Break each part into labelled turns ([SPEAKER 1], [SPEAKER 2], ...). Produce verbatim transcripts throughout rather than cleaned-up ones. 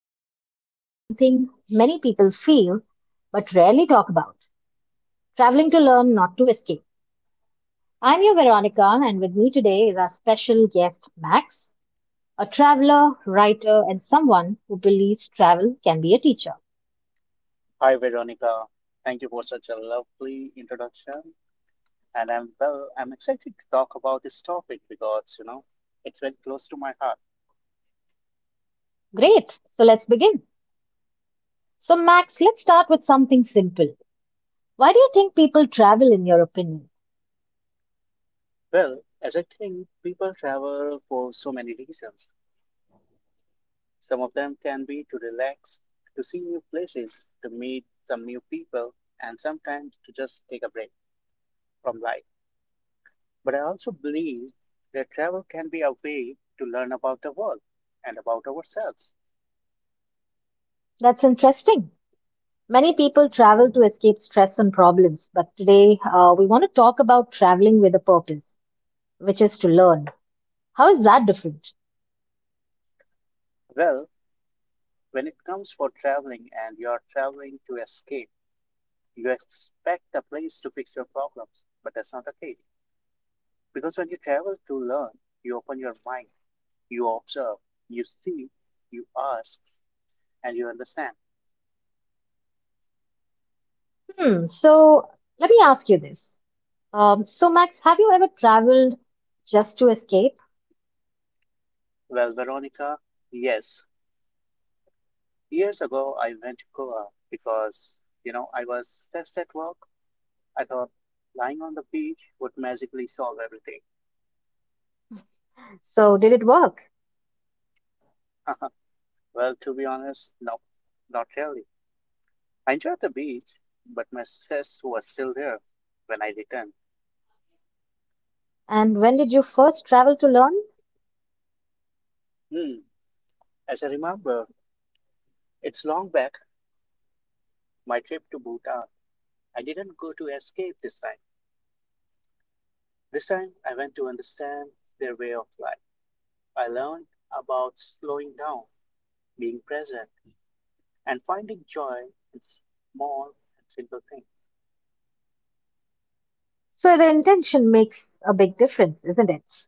[SPEAKER 1] we're talking about something many people feel but rarely talk about traveling to learn, not to escape. I'm your Veronica, and with me today is our special guest, Max, a traveler, writer, and someone who believes travel can be a teacher.
[SPEAKER 2] Hi, Veronica. Thank you for such a lovely introduction. And I'm well, I'm excited to talk about this topic because, you know, it's very close to my heart.
[SPEAKER 1] Great, so let's begin. So, Max, let's start with something simple. Why do you think people travel, in your opinion?
[SPEAKER 2] Well, as I think people travel for so many reasons. Some of them can be to relax, to see new places, to meet some new people, and sometimes to just take a break from life. But I also believe that travel can be a way to learn about the world and about ourselves.
[SPEAKER 1] That's interesting. Many people travel to escape stress and problems, but today uh, we want to talk about traveling with a purpose, which is to learn. How is that different?
[SPEAKER 2] Well, When it comes for traveling and you are traveling to escape, you expect a place to fix your problems, but that's not the case. Because when you travel to learn, you open your mind, you observe, you see, you ask, and you understand.
[SPEAKER 1] Hmm, so let me ask you this. Um, so, Max, have you ever traveled just to escape?
[SPEAKER 2] Well, Veronica, yes. Years ago, I went to Goa because, you know, I was stressed at work. I thought lying on the beach would magically solve everything.
[SPEAKER 1] So, did it work?
[SPEAKER 2] well, to be honest, no, not really. I enjoyed the beach, but my stress was still there when I returned.
[SPEAKER 1] And when did you first travel to learn?
[SPEAKER 2] Hmm, as I remember, it's long back, my trip to Bhutan. I didn't go to escape this time. This time, I went to understand their way of life. I learned about slowing down, being present, and finding joy in small and simple things.
[SPEAKER 1] So, the intention makes a big difference, isn't it?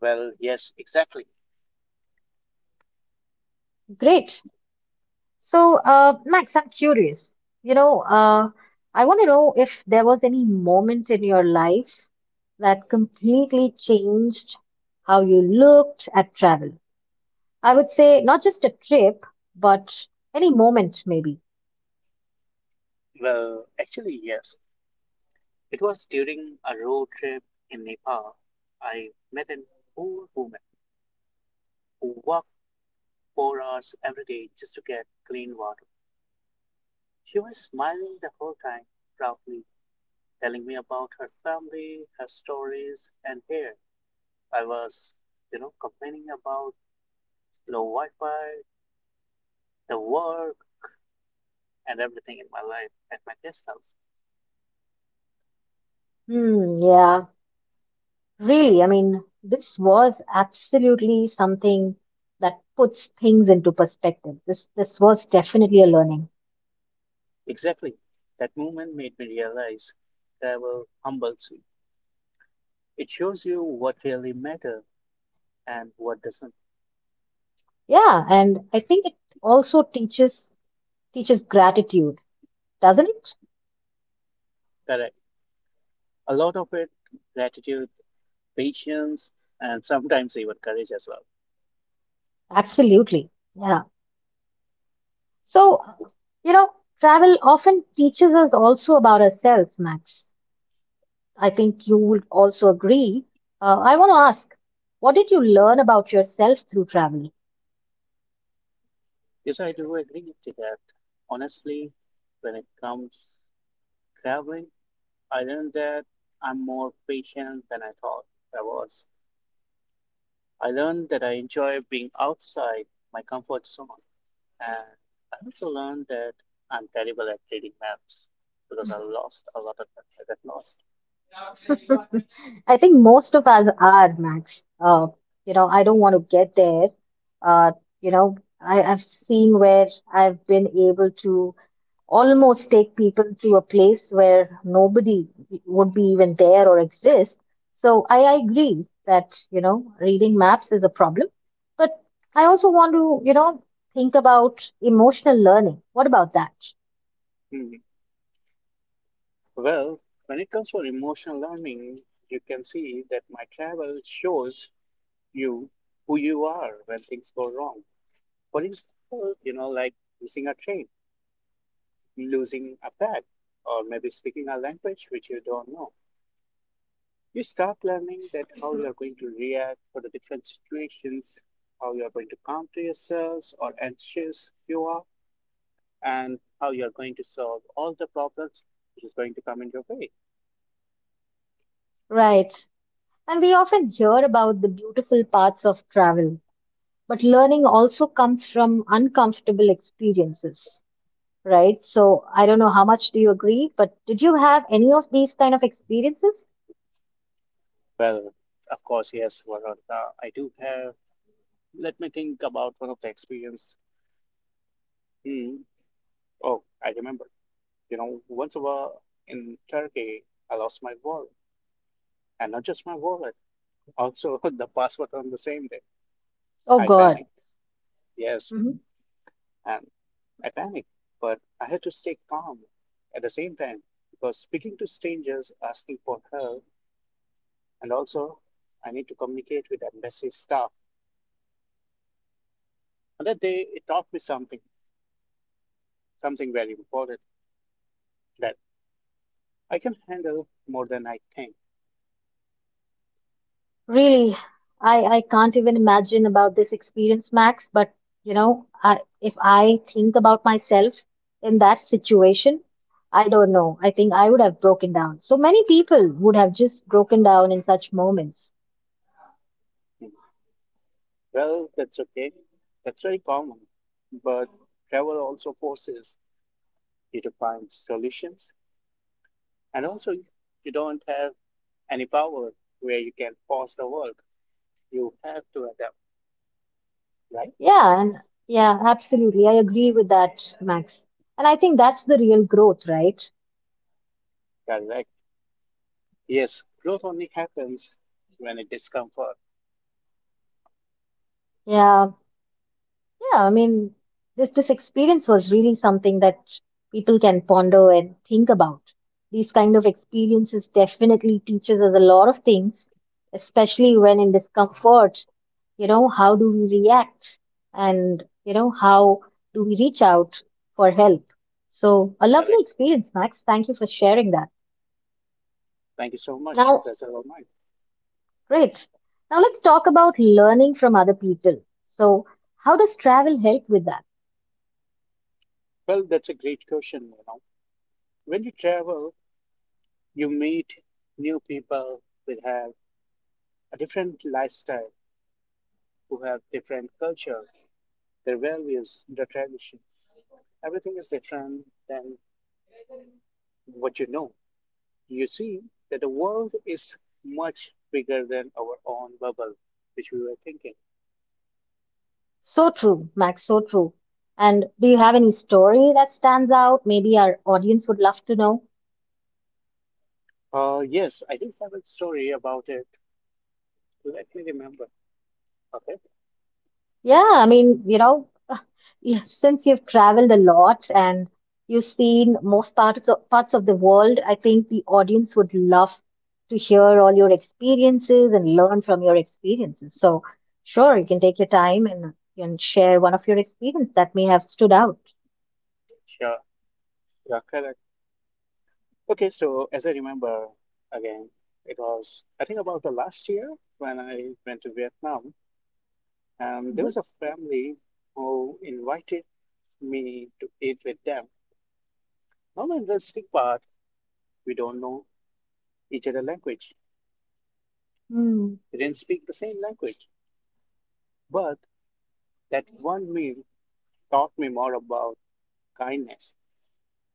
[SPEAKER 2] Well, yes, exactly.
[SPEAKER 1] Great. So, uh, Max, I'm curious. You know, uh, I want to know if there was any moment in your life that completely changed how you looked at travel. I would say not just a trip, but any moment, maybe.
[SPEAKER 2] Well, actually, yes. It was during a road trip in Nepal. I met an old woman who walked four hours every day just to get clean water. She was smiling the whole time, proudly, telling me about her family, her stories, and here I was, you know, complaining about slow Wi Fi, the work, and everything in my life at my guest house.
[SPEAKER 1] Hmm, yeah, really. I mean, this was absolutely something that puts things into perspective. This this was definitely a learning.
[SPEAKER 2] Exactly. That moment made me realize travel humbles you. It shows you what really matters and what doesn't.
[SPEAKER 1] Yeah, and I think it also teaches teaches gratitude, doesn't it?
[SPEAKER 2] Correct. A lot of it, gratitude, patience, and sometimes even courage as well.
[SPEAKER 1] Absolutely. Yeah. So, you know, travel often teaches us also about ourselves, Max. I think you would also agree. Uh, I want to ask, what did you learn about yourself through travel?
[SPEAKER 2] Yes, I do agree to that. Honestly, when it comes traveling, I learned that I'm more patient than I thought I was. I learned that I enjoy being outside my comfort zone. And I also learned that I'm terrible at reading maps because I lost a lot of them. I got lost.
[SPEAKER 1] I think most of us are, Max. Uh, you know, I don't want to get there. Uh, you know, I, I've seen where I've been able to almost take people to a place where nobody would be even there or exist. So I I agree that, you know, reading maps is a problem. But I also want to, you know, think about emotional learning. What about that?
[SPEAKER 2] Hmm. Well, when it comes for emotional learning, you can see that my travel shows you who you are when things go wrong. For example, you know, like missing a train, losing a bag, or maybe speaking a language which you don't know. You start learning that how you're going to react for the different situations, how you're going to counter yourselves or anxious you are, and how you're going to solve all the problems which is going to come in your way.
[SPEAKER 1] Right. And we often hear about the beautiful parts of travel, but learning also comes from uncomfortable experiences, right? So I don't know how much do you agree, but did you have any of these kind of experiences?
[SPEAKER 2] Well, of course, yes, Veronica, I do have. Let me think about one of the experience. Hmm. Oh, I remember. You know, once a while in Turkey, I lost my wallet, and not just my wallet, also the passport on the same day.
[SPEAKER 1] Oh
[SPEAKER 2] I
[SPEAKER 1] God.
[SPEAKER 2] panicked, yes, and I panicked, but I had to stay calm at the same time because speaking to strangers, asking for help, and also I need to communicate with embassy staff. On that day, it taught me something, something very important that I can handle more than I think.
[SPEAKER 1] Really, I I can't even imagine about this experience, Max, but you know, I, if I think about myself in that situation, I don't know. I think I would have broken down. So many people would have just broken down in such moments.
[SPEAKER 2] Well, that's okay. That's very common. But travel also forces you to find solutions. And also, you don't have any power where you can pause the work. You have to adapt, right?
[SPEAKER 1] Yeah, and yeah, absolutely. I agree with that, Max. And I think that's the real growth, right?
[SPEAKER 2] Correct. Yes, growth only happens when it is comfort.
[SPEAKER 1] Yeah. Yeah, I mean, this, this experience was really something that people can ponder and think about. These kind of experiences definitely teaches us a lot of things, especially when in discomfort, you know, how do we react and, you know, how do we reach out for help? So, a lovely
[SPEAKER 2] Correct.
[SPEAKER 1] experience, Max. Thank you for sharing that.
[SPEAKER 2] Thank you so much,
[SPEAKER 1] Now,
[SPEAKER 2] Professor Omar.
[SPEAKER 1] great. Now let's talk about learning from other people. So, how does travel help with that?
[SPEAKER 2] Well, that's a great question, you know. When you travel, you meet new people who have a different lifestyle, who have different culture, their values, their tradition. Everything is different than what you know. You see that the world is much bigger than our own bubble, which we were thinking.
[SPEAKER 1] So true, Max, so true. And do you have any story that stands out? Maybe our audience would love to know.
[SPEAKER 2] Uh, yes, I do have a story about it. Let me remember. Okay,
[SPEAKER 1] Yeah, I mean, you know, yeah, since you've traveled a lot and you've seen most parts of, parts of the world, I think the audience would love to hear all your experiences and learn from your experiences. So, sure, you can take your time and, and share one of your experiences that may have stood out.
[SPEAKER 2] sure, yeah, correct. Okay, so as I remember again, it was I think about the last year when I went to Vietnam. Um, there
[SPEAKER 1] Mhm.
[SPEAKER 2] was a family who invited me to eat with them. Now, the interesting part, we don't know each other language.
[SPEAKER 1] Hmm.
[SPEAKER 2] We didn't speak the same language, but that one meal taught me more about kindness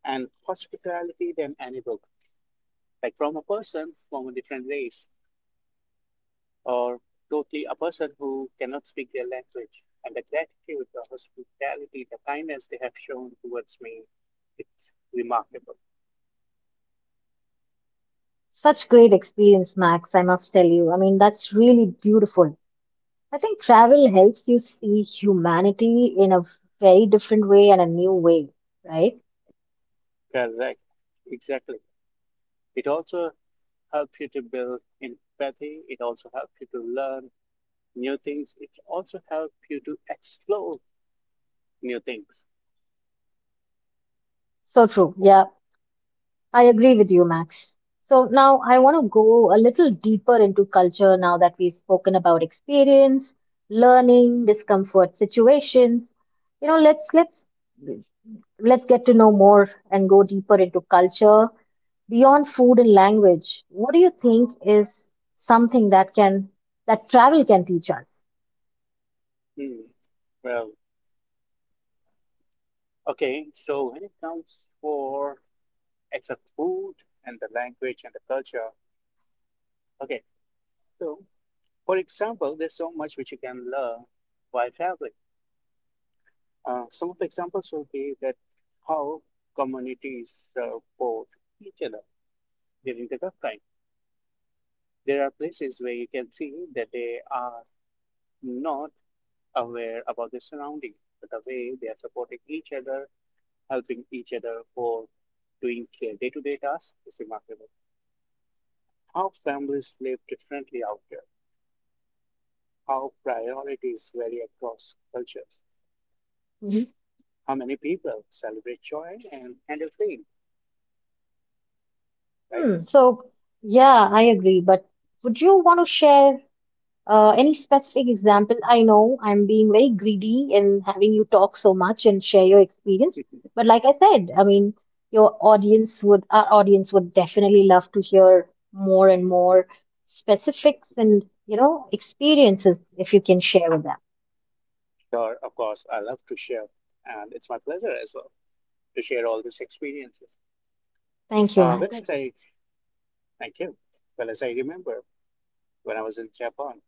[SPEAKER 2] and hospitality than any book. Like from a person from a different race, or totally a person who cannot speak their language, and the gratitude, the hospitality, the kindness they have shown towards me, it's remarkable.
[SPEAKER 1] Such great experience, Max, I must tell you. I mean, that's really beautiful. I think travel helps you see humanity in a very different way and a new way, right?
[SPEAKER 2] Correct. Exactly. It also helps you to build empathy. It also helps you to learn new things. It also helps you to explore new things.
[SPEAKER 1] So true. Yeah, I agree with you, Max. So now I want to go a little deeper into culture now that we've spoken about experience, learning, discomfort situations. You know, let's let's let's get to know more and go deeper into culture beyond food and language, what do you think is something that can that travel can teach us?
[SPEAKER 2] Hmm. Well, okay. So when it comes for except food and the language and the culture, okay. So for example, there's so much which you can learn while traveling. Uh, some of the examples will be that how communities support each other during the tough time. There are places where you can see that they are not aware about their surroundings, but the way they are supporting each other, helping each other for doing day to day tasks is remarkable. How families live differently out there, how priorities vary across cultures,
[SPEAKER 1] Mhm.
[SPEAKER 2] how many people celebrate joy and handle pain, right?
[SPEAKER 1] Hmm, so yeah, I agree. But would you want to share uh, any specific example? I know I'm being very greedy in having you talk so much and share your experience. But like I said, I mean, your audience would our audience would definitely love to hear more and more specifics and you know experiences if you can share with them.
[SPEAKER 2] sure, of course, I love to share, and it's my pleasure as well to share all these experiences.
[SPEAKER 1] Thank you,
[SPEAKER 2] Uh, well,
[SPEAKER 1] Max.
[SPEAKER 2] as I thank you. Well, as I remember when I was in Japan,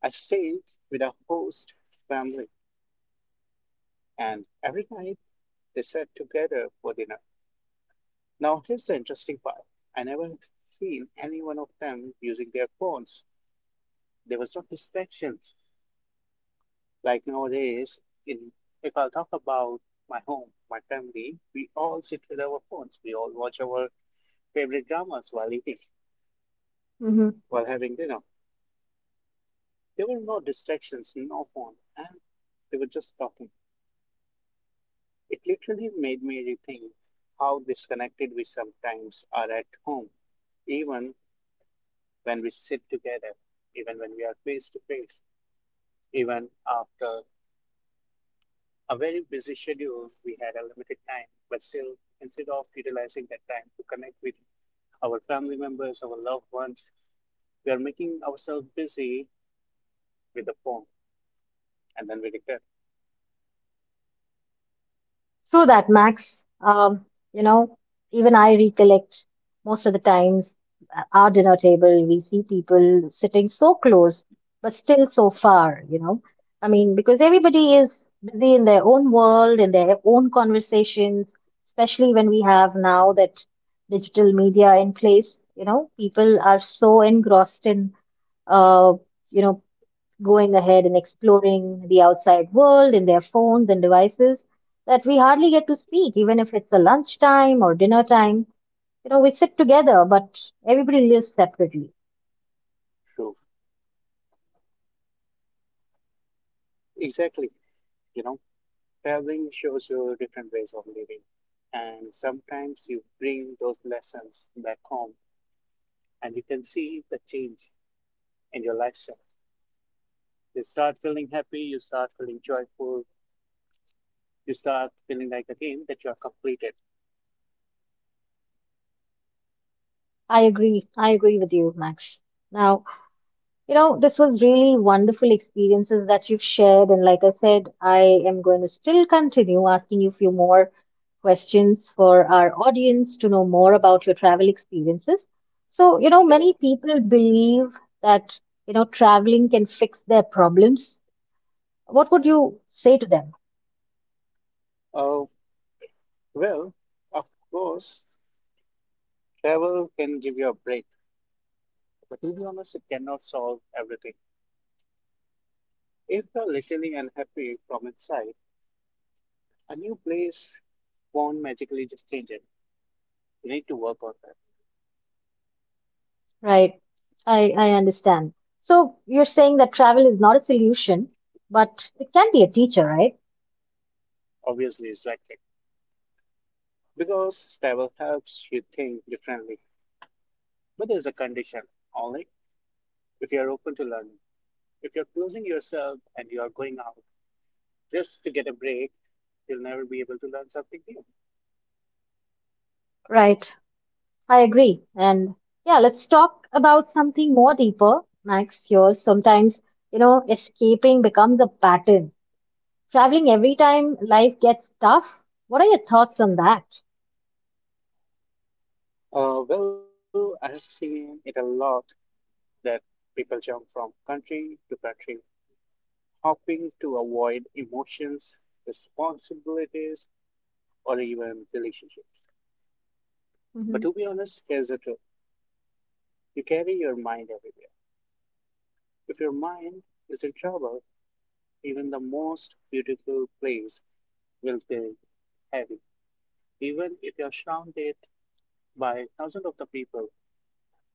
[SPEAKER 2] I stayed with a host family, and every night they sat together for dinner. Now, here's the interesting part. I never seen any one of them using their phones. There was no distractions. Like nowadays, in, if I'll talk about my home, my family, we all sit with our phones. We all watch our favorite dramas while eating,
[SPEAKER 1] Mhm.
[SPEAKER 2] while having dinner. There were no distractions, no phone, and they were just talking. It literally made me rethink how disconnected we sometimes are at home, even when we sit together, even when we are face to face, even after a very busy schedule. We had a limited time, but still, instead of utilizing that time to connect with our family members, our loved ones, we are making ourselves busy with the phone, and then we regret.
[SPEAKER 1] True that, Max. Um, you know, even I recollect most of the times at our dinner table, we see people sitting so close, but still so far, you know. I mean, because everybody is busy in their own world, in their own conversations, especially when we have now that digital media in place, you know, people are so engrossed in, uh, you know, going ahead and exploring the outside world in their phones and devices that we hardly get to speak, even if it's a lunchtime or dinner time. You know, we sit together, but everybody lives separately.
[SPEAKER 2] True, exactly. You know. Traveling shows you different ways of living, and sometimes you bring those lessons back home and you can see the change in your lifestyle. You start feeling happy, you start feeling joyful, you start feeling like again that you are completed.
[SPEAKER 1] I agree. I agree with you, Max. Now, you know, this was really wonderful experiences that you've shared. And like I said, I am going to still continue asking you a few more questions for our audience to know more about your travel experiences. So, you know,
[SPEAKER 2] Sure.
[SPEAKER 1] many people believe that, you know, traveling can fix their problems. What would you say to them?
[SPEAKER 2] Oh, well, of course, travel can give you a break, but to be honest, it cannot solve everything. If you're literally unhappy from inside, a new place won't magically just change it. You need to work on that.
[SPEAKER 1] Right. I, I understand. So you're saying that travel is not a solution, but it can be a teacher, right?
[SPEAKER 2] Obviously, exactly. Because travel helps you think differently. But there's a condition, only if you're open to learning. If you're closing yourself and you're going out just to get a break, you'll never be able to learn something new.
[SPEAKER 1] Right. I agree. And yeah, let's talk about something more deeper, Max, here. Sometimes, you know, escaping becomes a pattern. Traveling every time life gets tough. What are your thoughts on that?
[SPEAKER 2] Uh, well, I have seen it a lot that people jump from country to country, hoping to avoid emotions, responsibilities, or even relationships. But
[SPEAKER 1] Hmm.
[SPEAKER 2] to be honest, here's the truth: you carry your mind everywhere. If your mind is in trouble, Even the most beautiful place will feel heavy, even if you're surrounded by thousands of the people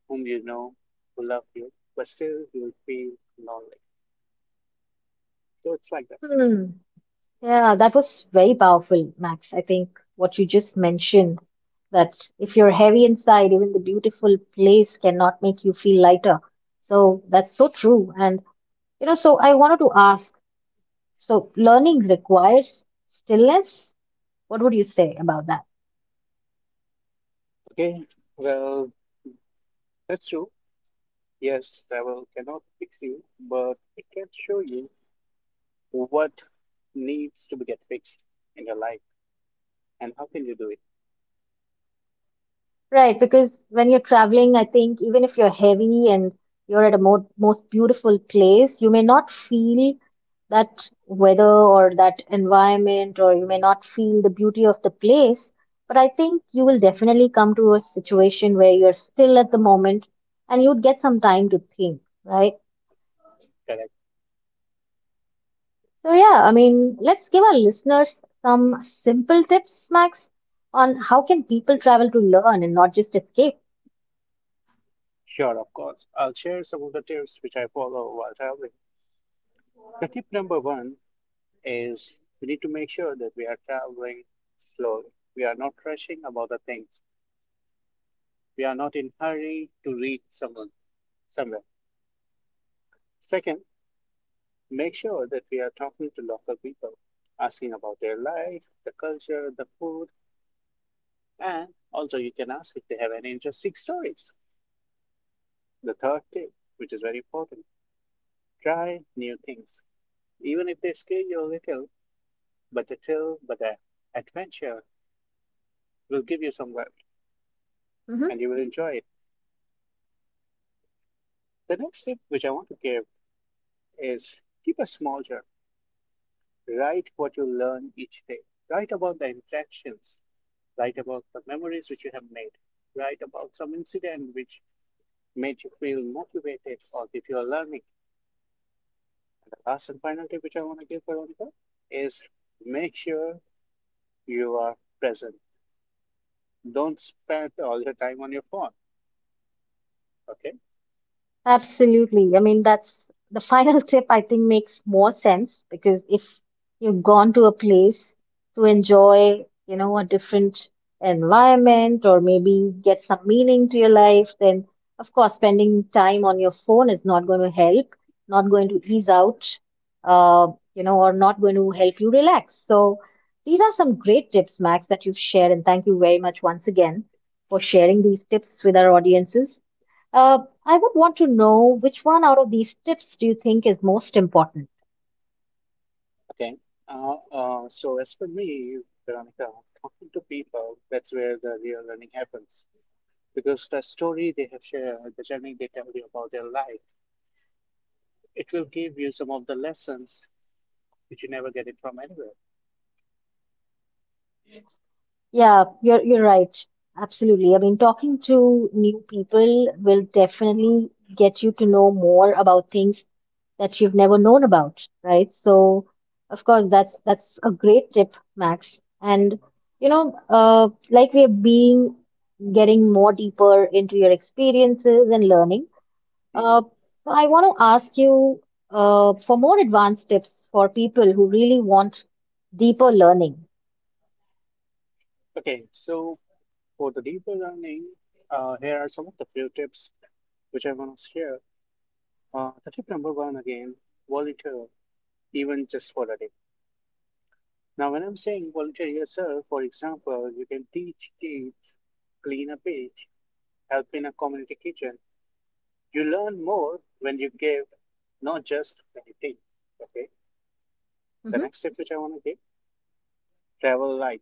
[SPEAKER 2] whom you know, who love you, but still you will feel lonely. So it's like that.
[SPEAKER 1] Hmm. Yeah, that was very powerful, Max. I think what you just mentioned that if you're heavy inside, even the beautiful place cannot make you feel lighter. So that's so true. And, you know, so I wanted to ask, so learning requires stillness? What would you say about that?
[SPEAKER 2] Okay, well, that's true. Yes, travel cannot fix you, but it can show you what needs to be get fixed in your life and how can you do it.
[SPEAKER 1] Right, because when you're traveling, I think even if you're heavy and you're at a mo most beautiful place, you may not feel that weather or that environment, or you may not feel the beauty of the place. But I think you will definitely come to a situation where you're still at the moment and you'd get some time to think, right?
[SPEAKER 2] Correct.
[SPEAKER 1] So, yeah, I mean, let's give our listeners some simple tips, Max, on how can people travel to learn and not just escape.
[SPEAKER 2] Sure, of course. I'll share some of the tips which I follow while traveling. The tip number one is we need to make sure that we are traveling slowly. We are not rushing about the things. We are not in hurry to reach someone somewhere. Second, make sure that we are talking to local people, asking about their life, the culture, the food, and also you can ask if they have any interesting stories. The third tip, which is very important, try new things. Even if they scare you a little, but the thrill, but the adventure will give you some value and you will enjoy it. The next tip which I want to give is keep a small journal. Write what you learn each day. Write about the interactions. Write about the memories which you have made. Write about some incident which made you feel motivated or give you a learning. And the last and final tip which I want to give, Veronica, is make sure you are present. Don't spend all your time on your phone. Okay.
[SPEAKER 1] Absolutely. I mean, that's the final tip I think makes more sense because if you've gone to a place to enjoy, you know, a different environment or maybe get some meaning to your life, then of course, spending time on your phone is not going to help, not going to ease out, uh, you know, or not going to help you relax. So these are some great tips, Max, that you've shared. And thank you very much once again for sharing these tips with our audiences. Uh, I would want to know which one out of these tips do you think is most important?
[SPEAKER 2] Okay. Uh, uh, so as for me, Veronica, talking to people, that's where the real learning happens. Because the story they have shared, the journey they tell you about their life, it will give you some of the lessons which you never get it from anywhere.
[SPEAKER 1] Yeah, you're you're right. Absolutely. I mean, talking to new people will definitely get you to know more about things that you've never known about, right? So, of course, that's that's a great tip, Max. And you know, uh, like we're being getting more deeper into your experiences and learning. Uh,
[SPEAKER 2] Mhm.
[SPEAKER 1] so I want to ask you uh, for more advanced tips for people who really want deeper learning.
[SPEAKER 2] Okay, so for the deeper learning, uh, here are some of the few tips which I want to share. Uh, the tip number one again, volunteer, even just for a day. Now, when I'm saying volunteer yourself, for example, you can teach kids, clean a beach, help in a community kitchen. You learn more when you give, not just when you take. Okay. The
[SPEAKER 1] Mhm.
[SPEAKER 2] next tip which I want to give: travel light.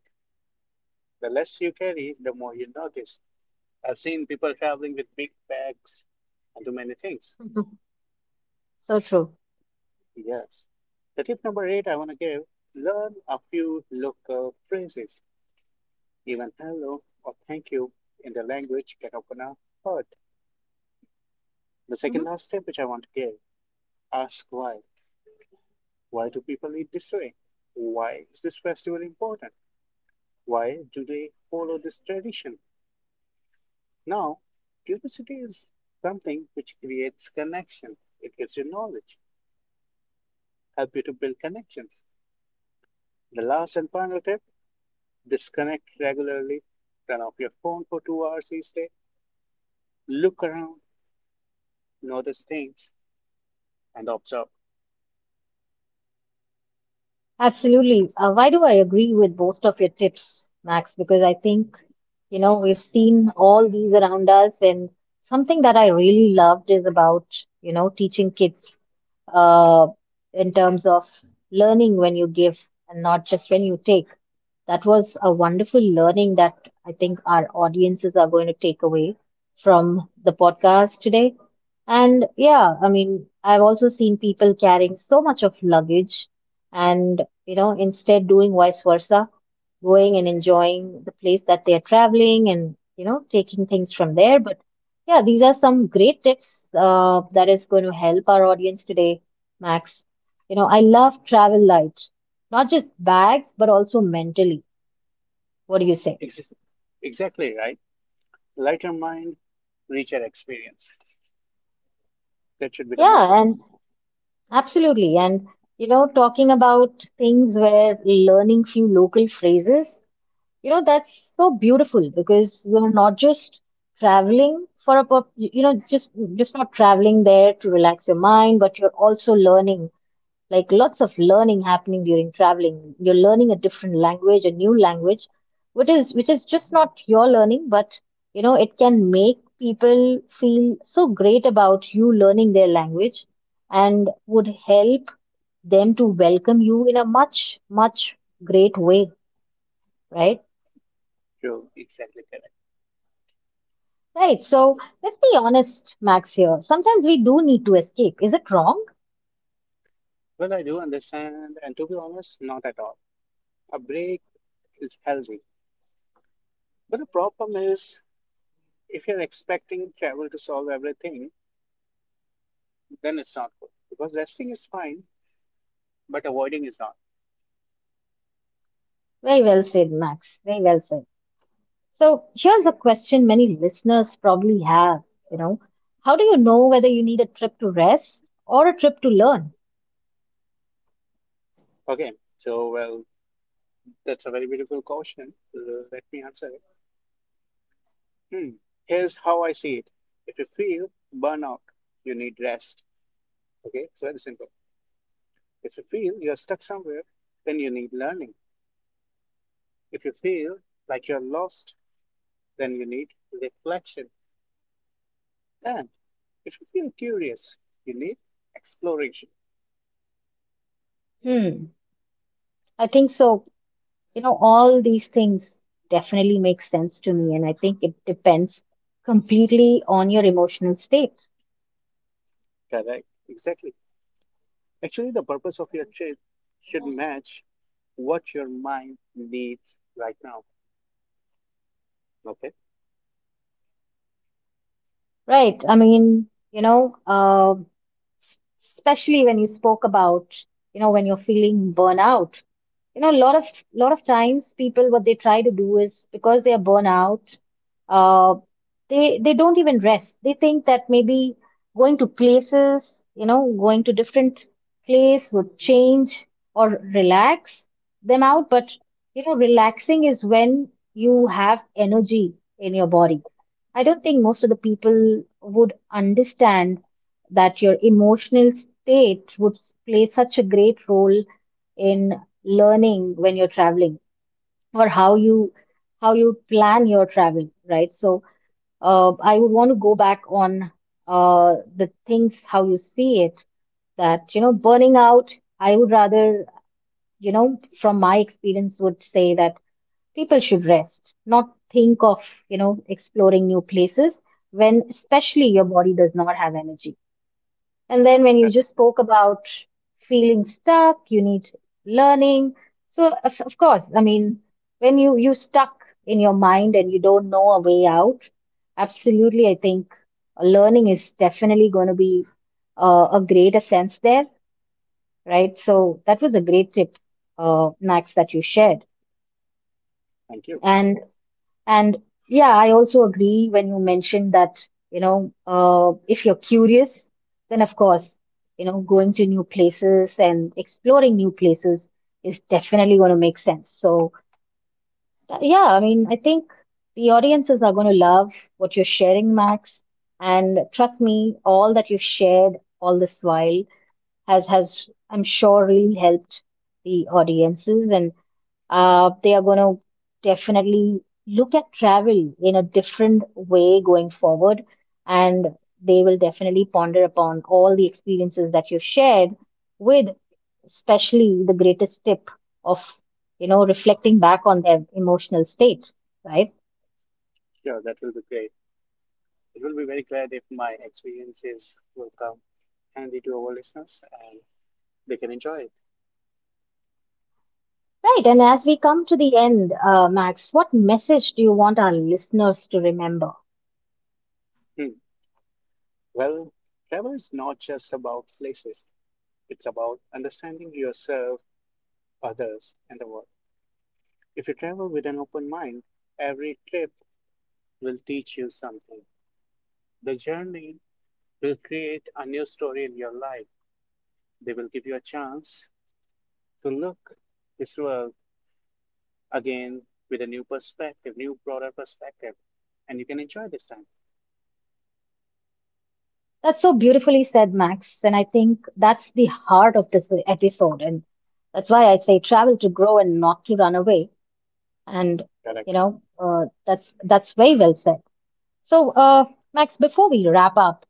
[SPEAKER 2] The less you carry, the more you notice. I've seen people traveling with big bags and too many things.
[SPEAKER 1] So true.
[SPEAKER 2] Yes. The tip number eight I want to give: learn a few local phrases. Even hello or thank you in the language can open a heart. The second
[SPEAKER 1] Mhm.
[SPEAKER 2] last tip which I want to give: ask why. Why do people eat this way? Why is this festival important? Why do they follow this tradition? Now, curiosity is something which creates connection. It gives you knowledge, help you to build connections. The last and final tip, disconnect regularly, turn off your phone for two hours each day, look around, notice things, and observe.
[SPEAKER 1] Absolutely. Uh, why do I agree with most of your tips, Max? Because I think, you know, we've seen all these around us, and something that I really loved is about, you know, teaching kids uh, in terms of learning when you give and not just when you take. That was a wonderful learning that I think our audiences are going to take away from the podcast today. And yeah, I mean, I've also seen people carrying so much of luggage and, you know, instead doing vice versa going and enjoying the place that they are traveling and you know taking things from there but yeah these are some great tips uh, that is going to help our audience today, Max. You know, I love travel light, not just bags but also mentally. What do you say?
[SPEAKER 2] Ex- Exactly right. Let your mind reach your experience. That should be the motto.
[SPEAKER 1] Yeah, and absolutely, and you know talking about things where learning few local phrases. You know, that's so beautiful because we're not just traveling for a, pur- you know, just just not traveling there to relax your mind, but you're also learning, like lots of learning happening during traveling. You're learning a different language, a new language, which is which is just not your learning, but you know, it can make people feel so great about you learning their language and would help them to welcome you in a much, much great way, right?
[SPEAKER 2] You're exactly correct.
[SPEAKER 1] Right. So let's be honest, Max, here. Sometimes we do need to escape. Is it wrong?
[SPEAKER 2] Well, I do understand, and to be honest, not at all. A break is healthy. But the problem is, if you're expecting travel to solve everything, then it's not good, because resting is fine, but avoiding is not.
[SPEAKER 1] Very well said, Max. Very well said. So here's a question many listeners probably have, you know. How do you know whether you need a trip to rest or a trip to learn?
[SPEAKER 2] Okay, so well, that's a very beautiful question. Uh, Let me answer it. Hmm. Here's how I see it. If you feel burnout, you need rest. Okay, it's very simple. If you feel you're stuck somewhere, then you need learning. If you feel like you're lost, then you need reflection. And if you feel curious, you need exploration.
[SPEAKER 1] Hmm. I think so. You know, all these things definitely make sense to me, and I think it depends completely on your emotional state.
[SPEAKER 2] Correct. Exactly. Actually, the purpose of your trip should match what your mind needs right now. Okay.
[SPEAKER 1] Right. I mean, you know, uh, especially when you spoke about, you know, when you're feeling burnout, you know, a lot of lot of times people what they try to do is because they are burnout, uh, they they don't even rest. They think that maybe going to places, you know, going to different place would change or relax them out. But you know, relaxing is when you have energy in your body. I don't think most of the people would understand that your emotional state would s- play such a great role in learning when you're traveling, or how you how you plan your travel, right? So uh, I would want to go back on uh, the things how you see it, that you know, burning out. I would rather, you know, from my experience would say that people should rest, not think of, you know, exploring new places, when especially your body does not have energy. And then when you
[SPEAKER 2] That,
[SPEAKER 1] just spoke about feeling stuck, you need learning. So of of course, I mean, when you you stuck in your mind and you don't know a way out, absolutely, I think uh, learning is definitely going to be uh, a greater sense there, right? So that was a great tip, uh, Max, that you shared.
[SPEAKER 2] thank you.
[SPEAKER 1] and. And yeah, I also agree when you mentioned that, you know, uh, if you're curious, then of course, you know, going to new places and exploring new places is definitely going to make sense. So, uh, yeah, I mean, I think the audiences are going to love what you're sharing, Max. And trust me, all that you've shared all this while has, has, I'm sure, really helped the audiences. And uh, they are going to definitely look at travel in a different way going forward. And they will definitely ponder upon all the experiences that you've shared with, especially the greatest tip of, you know, reflecting back on their emotional state, right?
[SPEAKER 2] Sure, that will be great. It will be very glad if my experiences will come handy to our listeners and they can enjoy it.
[SPEAKER 1] Right. And as we come to the end, uh, Max, what message do you want our listeners to remember?
[SPEAKER 2] Hmm. Well, travel is not just about places, it's about understanding yourself, others, and the world. If you travel with an open mind, every trip will teach you something. The journey will create a new story in your life. They will give you a chance to look this world again with a new perspective, new broader perspective, and you can enjoy this time.
[SPEAKER 1] That's so beautifully said, Max. And I think that's the heart of this episode. And that's why I say travel to grow and not to run away. And, you
[SPEAKER 2] Correct.
[SPEAKER 1] know, uh, that's that's very well said. So, uh, Max, before we wrap up,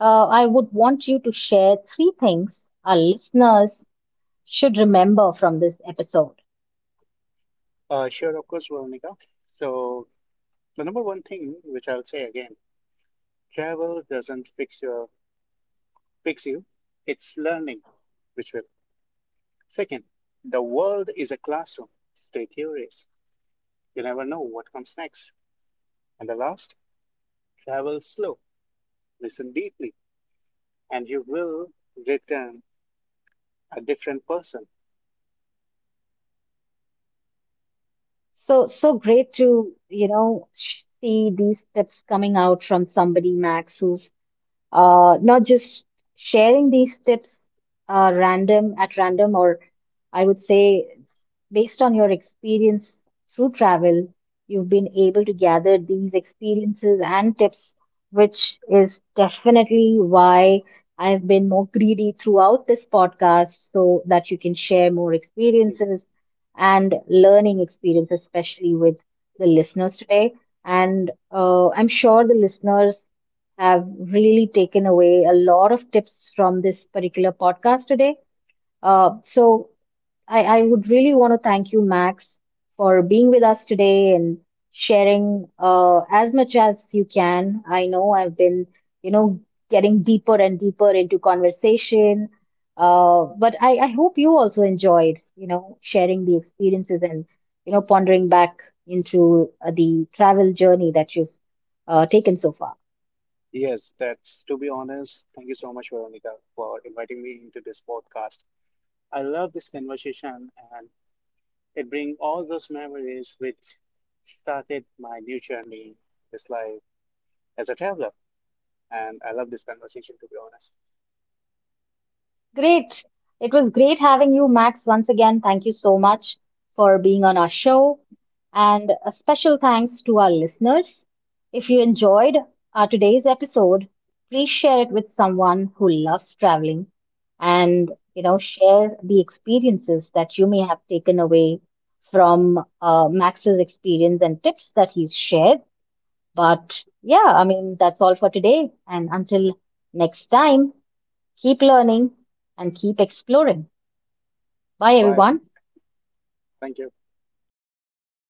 [SPEAKER 1] uh, I would want you to share three things our listeners should remember from this episode.
[SPEAKER 2] Uh, sure, of course, Veronica. So the number one thing which I'll say again, travel doesn't fix your fix you. It's learning which will. Second, the world is a classroom. Stay curious. You never know what comes next. And the last, travel slow, listen deeply, and you will return a different person.
[SPEAKER 1] So, so great to, you know, sh- see these tips coming out from somebody, Max, who's uh, not just sharing these tips uh, random at random, or I would say based on your experience through travel, you've been able to gather these experiences and tips, which is definitely why I've been more greedy throughout this podcast so that you can share more experiences and learning experience, especially with the listeners today. And uh, I'm sure the listeners have really taken away a lot of tips from this particular podcast today. Uh, so I, I would really want to thank you, Max, for being with us today and sharing uh, as much as you can. I know I've been, you know, getting deeper and deeper into conversation. Uh, but I, I hope you also enjoyed, you know, sharing the experiences and, you know, pondering back into uh, the travel journey that you've uh, taken so far.
[SPEAKER 2] Yes, that's to be honest. Thank you so much, Veronica, for inviting me into this podcast. I love this conversation and it brings all those memories which started my new journey this life as a traveler. And I love this conversation, to be honest.
[SPEAKER 1] Great. It was great having you, Max, once again. Thank you so much for being on our show. And a special thanks to our listeners. If you enjoyed our today's episode, please share it with someone who loves traveling and, you know, share the experiences that you may have taken away from uh, Max's experience and tips that he's shared. But yeah, I mean, that's all for today. And until next time, keep learning and keep exploring. Bye,
[SPEAKER 2] Bye.
[SPEAKER 1] everyone.
[SPEAKER 2] Thank you.
[SPEAKER 1] Thank you.